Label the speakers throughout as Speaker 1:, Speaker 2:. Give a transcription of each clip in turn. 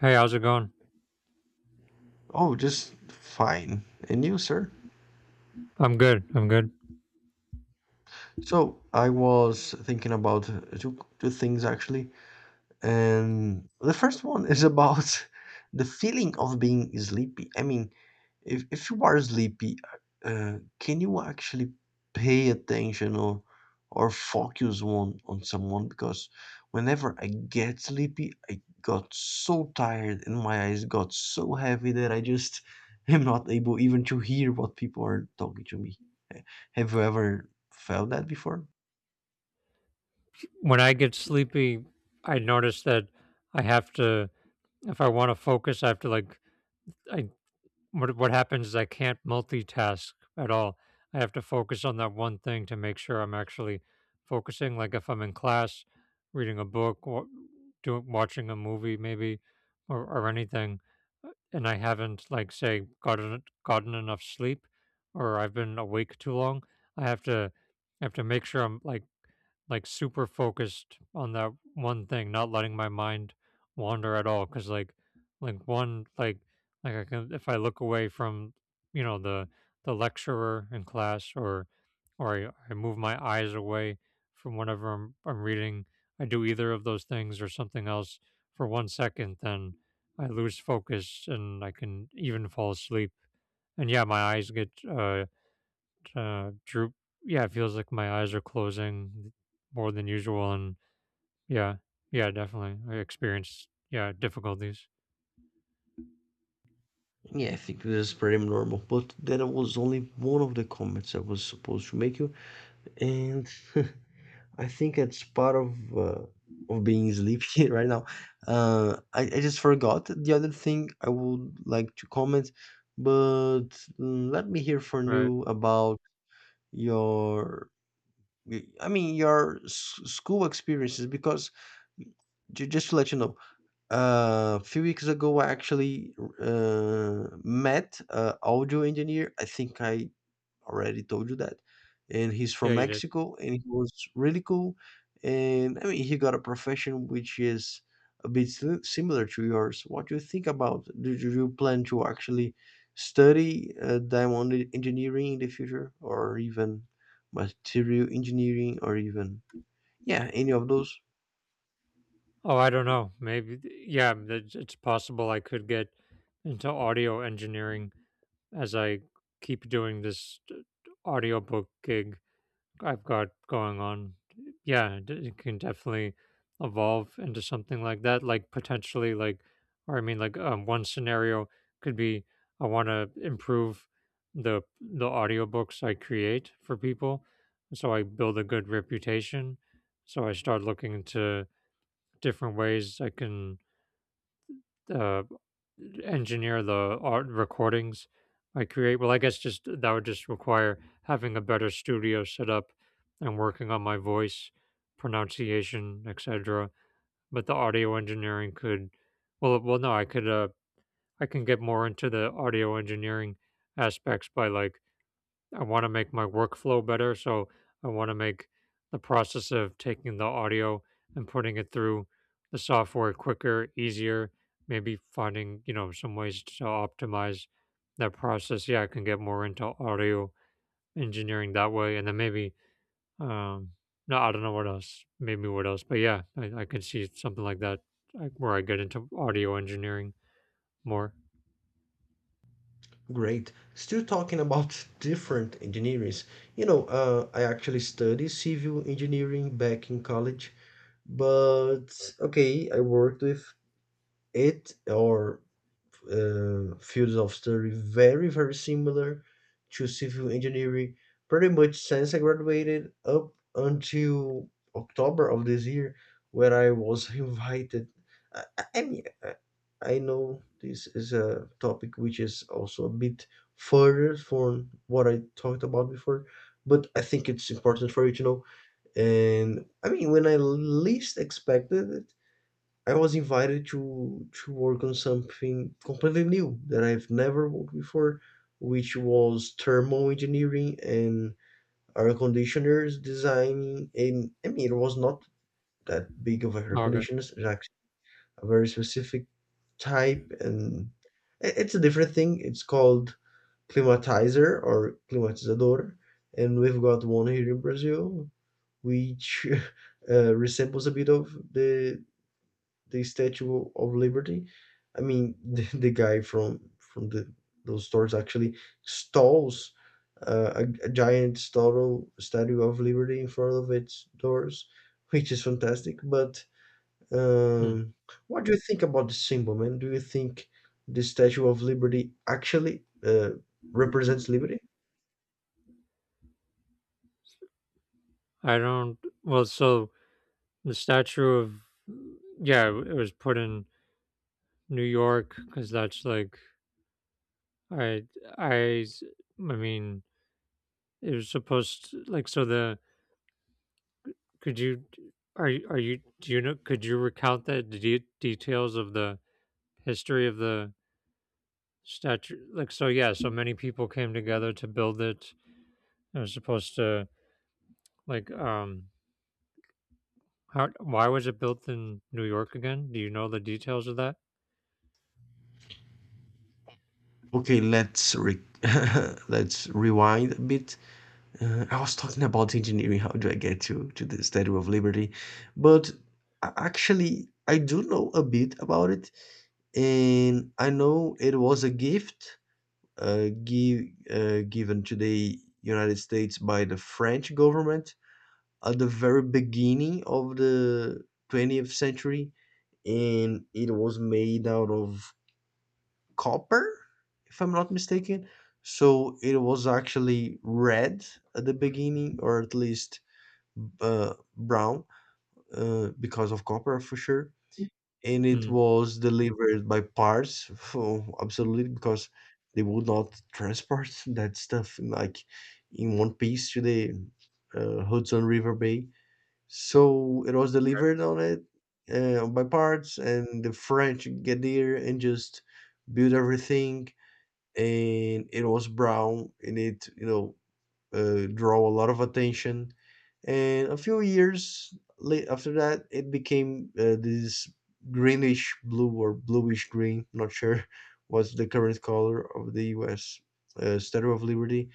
Speaker 1: Hey, how's it going?
Speaker 2: Oh, just fine. And you, sir?
Speaker 1: I'm good. I'm good.
Speaker 2: So I was thinking about two things actually. And the first one is about the feeling of being sleepy. I mean, if you are sleepy, can you actually pay attention or focus on someone? Because whenever I get sleepy, I got so tired and my eyes got so heavy that I just am not able even to hear what people are talking to me. Have you ever felt that before?
Speaker 1: When I get sleepy, I notice that I have to, if I want to focus, I have to like, I what happens is I can't multitask at all. I have to focus on that one thing to make sure I'm actually focusing. Like if I'm in class, reading a book, or doing watching a movie, maybe, or anything, and I haven't like say gotten enough sleep, or I've been awake too long, I have to I have to make sure I'm like super focused on that one thing, not letting my mind wander at all. Cause like one, like I can, if I look away from, you know, the, the lecturer in class or I move my eyes away from whatever I'm reading, I do either of those things or something else for one second, then I lose focus and I can even fall asleep. And yeah, my eyes get, droop. Yeah, it feels like my eyes are closing more than usual and yeah, yeah definitely I experienced, yeah, difficulties.
Speaker 2: Yeah, I think this is pretty normal. But that was only one of the comments I was supposed to make you, and I think it's part of being sleepy right now. I just forgot the other thing I would like to comment, but let me hear from
Speaker 1: Right.
Speaker 2: you about your. I mean your school experiences because just to let you know. A few weeks ago, I actually met a audio engineer. I think I already told you that, and he's
Speaker 1: Yeah,
Speaker 2: from
Speaker 1: you did.
Speaker 2: Mexico, and he was really cool. And I mean, he got a profession which is a bit similar to yours. What do you think about? Do you plan to actually study diamond engineering in the future, or even material engineering, or even yeah, any of those?
Speaker 1: Oh, I don't know, maybe yeah, it's possible I could get into audio engineering as I keep doing this audiobook gig I've got going on. Yeah, it can definitely evolve into something like that. Like potentially, like, or I mean, like, one scenario could be I want to improve the audiobooks I create for people, so I build a good reputation. So I start looking into different ways I can uh, engineer the art recordings I create. Well, I guess just that would just require having a better studio set up and working on my voice, pronunciation, etc. But the audio engineering could, no, I can get more into the audio engineering aspects by like I want to make my workflow better. So I want to make the process of taking the audio and putting it through the software quicker, easier, maybe finding, some ways to optimize that process. Yeah, I can get more into audio engineering that way. And then maybe, um, no, I don't know what else, maybe what else, but yeah, I could see something like that like where I get into audio engineering more.
Speaker 2: Great. Still talking about different engineers. You know, I actually studied civil engineering back in college, but okay, I worked with it or fields of study very similar to civil engineering pretty much since I graduated up until October of this year where I was invited. I mean I know this is a topic which is also a bit further from what I talked about before, but I think it's important for you to know. And I mean, when I least expected it, I was invited to work on something completely new that I've never worked before, which was thermal engineering and air conditioners designing. And I mean, it was not that big of a air
Speaker 1: Okay.
Speaker 2: conditioners, it's actually a very specific type, and it's a different thing. It's called climatizer or climatizador, and we've got one here in Brazil, which resembles a bit of the Statue of Liberty. I mean, the guy from the those stores actually stalls a giant statue Statue of Liberty in front of its doors, which is fantastic. But
Speaker 1: Hmm.
Speaker 2: um, what do you think about the symbol, man? Do you think the Statue of Liberty actually represents liberty?
Speaker 1: I don't, well, so The statue of yeah, it was put in New York because that's like I I I mean it was supposed to, like so the could you, are you do you know, could you recount the details of the history of the statue? Like so yeah, so many people came together to build it, it was supposed to, like, how, why was it built in New York again? Do you know the details of that?
Speaker 2: Okay, let's re- let's rewind a bit. I was talking about engineering. How do I get to the Statue of Liberty? But actually, I do know a bit about it, and I know it was a gift uh, give, given to the United States by the French government at the very beginning of the 20th century, and it was made out of copper, if I'm not mistaken. So it was actually red at the beginning, or at least brown because of copper for sure. And it
Speaker 1: mm,
Speaker 2: was delivered by parts, for, absolutely, because they would not transport that stuff like in one piece to the Hudson River Bay. So it was delivered on it by parts, and the French get there and just build everything. And it was brown, and it you know draw a lot of attention. And a few years late after that, it became this greenish blue or bluish green. Not sure what's the current color of the U.S. Statue of Liberty.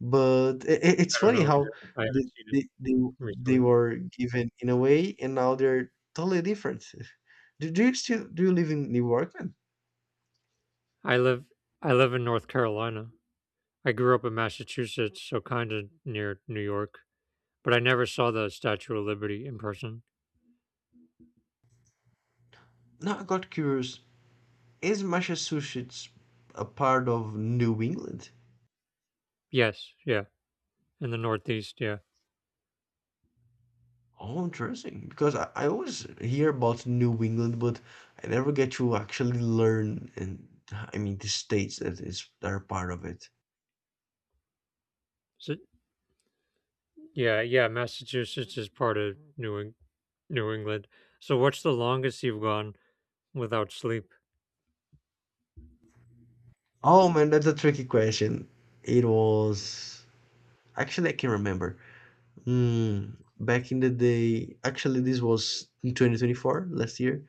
Speaker 2: But it's
Speaker 1: I don't
Speaker 2: funny
Speaker 1: know
Speaker 2: how
Speaker 1: either. I
Speaker 2: they,
Speaker 1: haven't seen it
Speaker 2: they, they, they
Speaker 1: recently.
Speaker 2: were given in a way, and now they're totally different. Do, do you still do you live in New York, man?
Speaker 1: I live I live in North Carolina. I grew up in Massachusetts, so kinda near New York, but I never saw the Statue of Liberty in person.
Speaker 2: Now I got curious. Is Massachusetts a part of New England?
Speaker 1: Yes, yeah, in the Northeast, yeah.
Speaker 2: Oh, interesting. Because I always hear about New England, but I never get to actually learn and I mean the states that is that are part of it.
Speaker 1: So, yeah, yeah, Massachusetts is part of New England. So what's the longest you've gone without sleep?
Speaker 2: Oh man, that's a tricky question. It was actually I can remember. Hmm, Back in the day, actually this was in 2024 last year,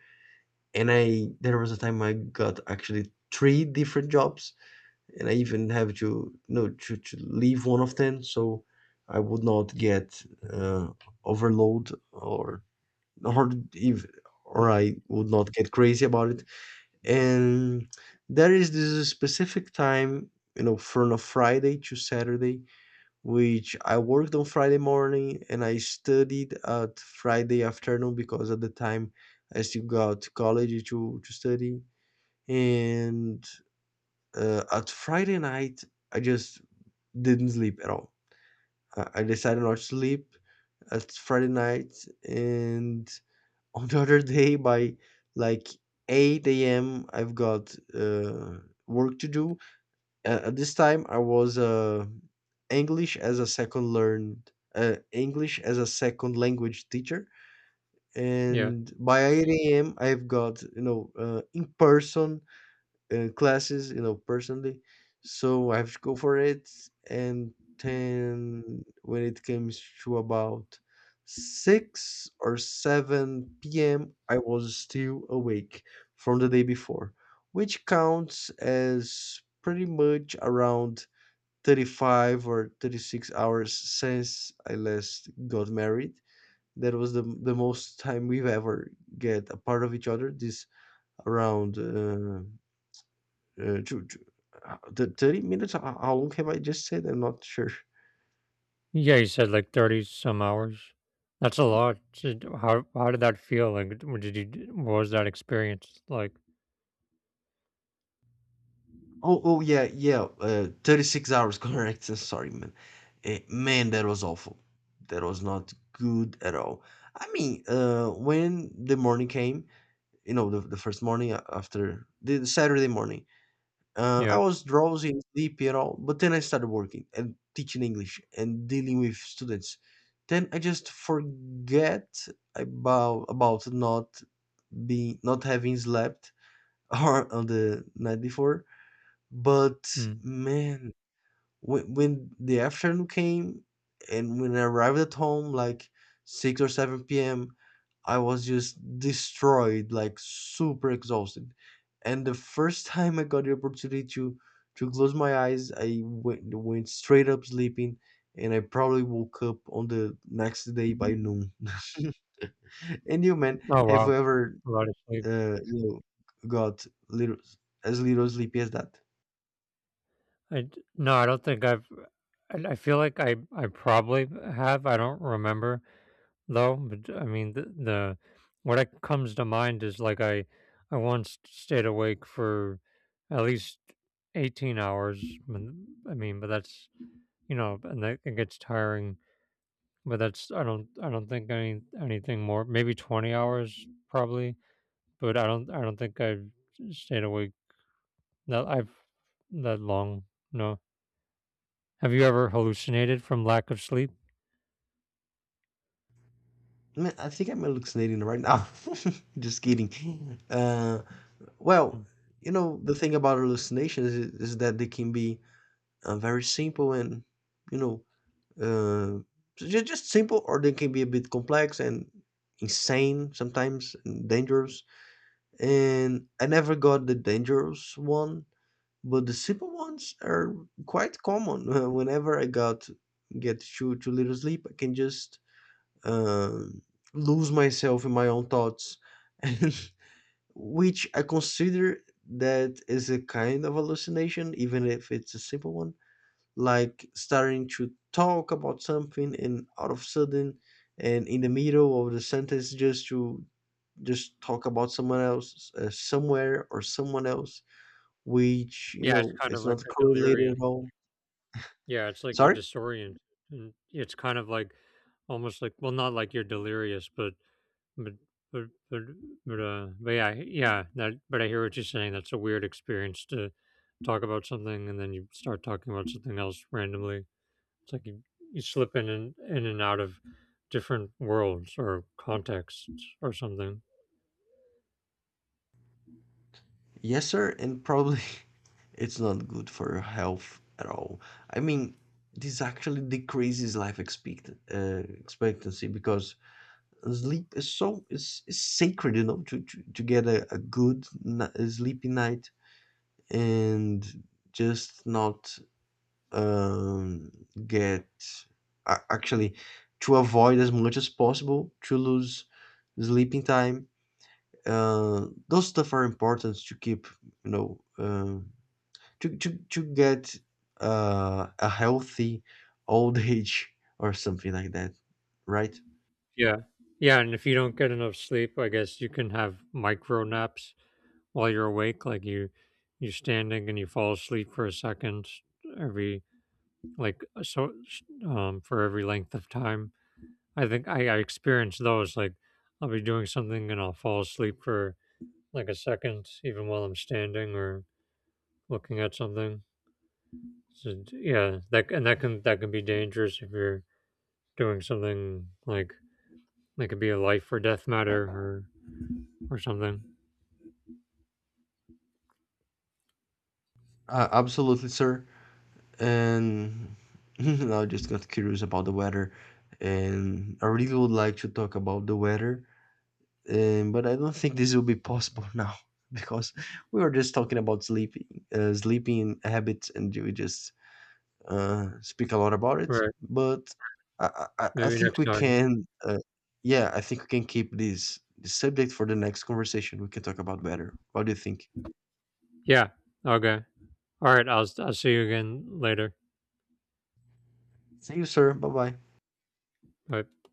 Speaker 2: and I there was a time I got actually three different jobs, and I even have to you know to leave one of them so I would not get uh, overload or if or
Speaker 1: Mm.
Speaker 2: I would not get crazy about it. And there is this specific time, you know, from a Friday to Saturday, which I worked on Friday morning and I studied at Friday afternoon because at the time I still got to college to study. And at Friday night, I just didn't sleep at all. I decided not to sleep. It's Friday night, and on the other day by like 8 a.m. I've got work to do. At this time, I was English as a second language teacher,
Speaker 1: Yeah.
Speaker 2: and by 8 a.m. I've got you know in person classes, you know, personally. So I have to go for it. And then when it comes to about 6 or 7 p.m., I was still awake from the day before, which counts as pretty much around 35 or 36 hours since I last got married. That was the most time we've ever get apart of each other. This around ju ju the 30 minutes? Ho How long have I just said? I'm not sure.
Speaker 1: Yeah, you said like 30 some hours. That's a lot. So how did that feel? Like, what did you, what was that experience like?
Speaker 2: Oh, oh yeah, yeah. 36 hours, correct. Sorry, man. Eh, man, that was awful. That was not good at all. I mean, when the morning came, you know, the first morning after the Saturday morning, I
Speaker 1: Yeah.
Speaker 2: was drowsy and sleepy at all. But then I started working and teaching English and dealing with students. Then I just forget about not being not having slept or on the night before. But
Speaker 1: Mm.
Speaker 2: man, when the afternoon came and when I arrived at home, like 6 or 7 p.m., I was just destroyed, like super exhausted. And the first time I got the opportunity to close my eyes, went straight up sleeping, and I probably woke up on the next day by noon. And you, man,
Speaker 1: Oh
Speaker 2: have you
Speaker 1: wow,
Speaker 2: ever
Speaker 1: a lot of sleep.
Speaker 2: you know, got little as little sleepy as that.
Speaker 1: No, I don't think I've. I feel like I probably have. I don't remember though. But I mean, the what comes to mind is like I once stayed awake for at least 18 hours. I mean, but that's, you know, and that it gets tiring. But that's, I don't think anything more. Maybe 20 hours probably. But I don't think I've stayed awake that I've that long. No. Have you ever hallucinated from lack of sleep?
Speaker 2: Man, I think I'm hallucinating right now. Just kidding. Well,
Speaker 1: Mm.
Speaker 2: you know the thing about hallucinations is that they can be very simple and you know uh, just simple, or they can be a bit complex and insane sometimes, and dangerous. And I never got the dangerous one. But the simple ones are quite common. Whenever I got get too little sleep, I can just um, lose myself in my own thoughts, and which I consider that is a kind of hallucination, even if it's a simple one. Like starting to talk about something, and out of sudden, and in the middle of the sentence, just talk about someone else, somewhere or someone else which, you
Speaker 1: Yeah, it's
Speaker 2: know,
Speaker 1: kind of
Speaker 2: it's
Speaker 1: like
Speaker 2: not
Speaker 1: a
Speaker 2: correlated
Speaker 1: delirium.
Speaker 2: at all.
Speaker 1: Yeah, it's like you're
Speaker 2: Sorry?
Speaker 1: disoriented. And it's kind of like almost like, well, not like you're delirious, but but but but but yeah, yeah. That But I hear what you're saying. That's a weird experience to talk about something and then you start talking about something else randomly. It's like you slip in and out of different worlds or contexts or something.
Speaker 2: Yes, sir, and probably it's not good for your health at all. I mean, this actually decreases life expectancy because sleep is is sacred, you know, to get a good sleepy night and just not um, get actually to avoid as much as possible to lose sleeping time. Those stuff are important to keep, you know, to get a healthy old age or something like that, right?
Speaker 1: Yeah. Yeah, and if you don't get enough sleep, I guess you can have micro naps while you're awake. Like you're standing and you fall asleep for a second every like so for every length of time. I think I experience those. Like I'll be doing something and I'll fall asleep for like a second, even while I'm standing or looking at something. So, yeah, that and that can be dangerous if you're doing something like that could be a life or death matter or something.
Speaker 2: Absolutely, sir. And I just got curious about the weather, and I really would like to talk about the weather, but I don't think this will be possible now because we were just talking about sleeping, sleeping habits, and we just speak a lot about it.
Speaker 1: Right.
Speaker 2: But I
Speaker 1: Maybe
Speaker 2: think
Speaker 1: next
Speaker 2: we
Speaker 1: time.
Speaker 2: can, yeah, I think we can keep this subject for the next conversation we can talk about better. What do you think?
Speaker 1: Yeah. Okay. All right. I'll see you again later.
Speaker 2: See you, sir. Bye bye.
Speaker 1: Bye.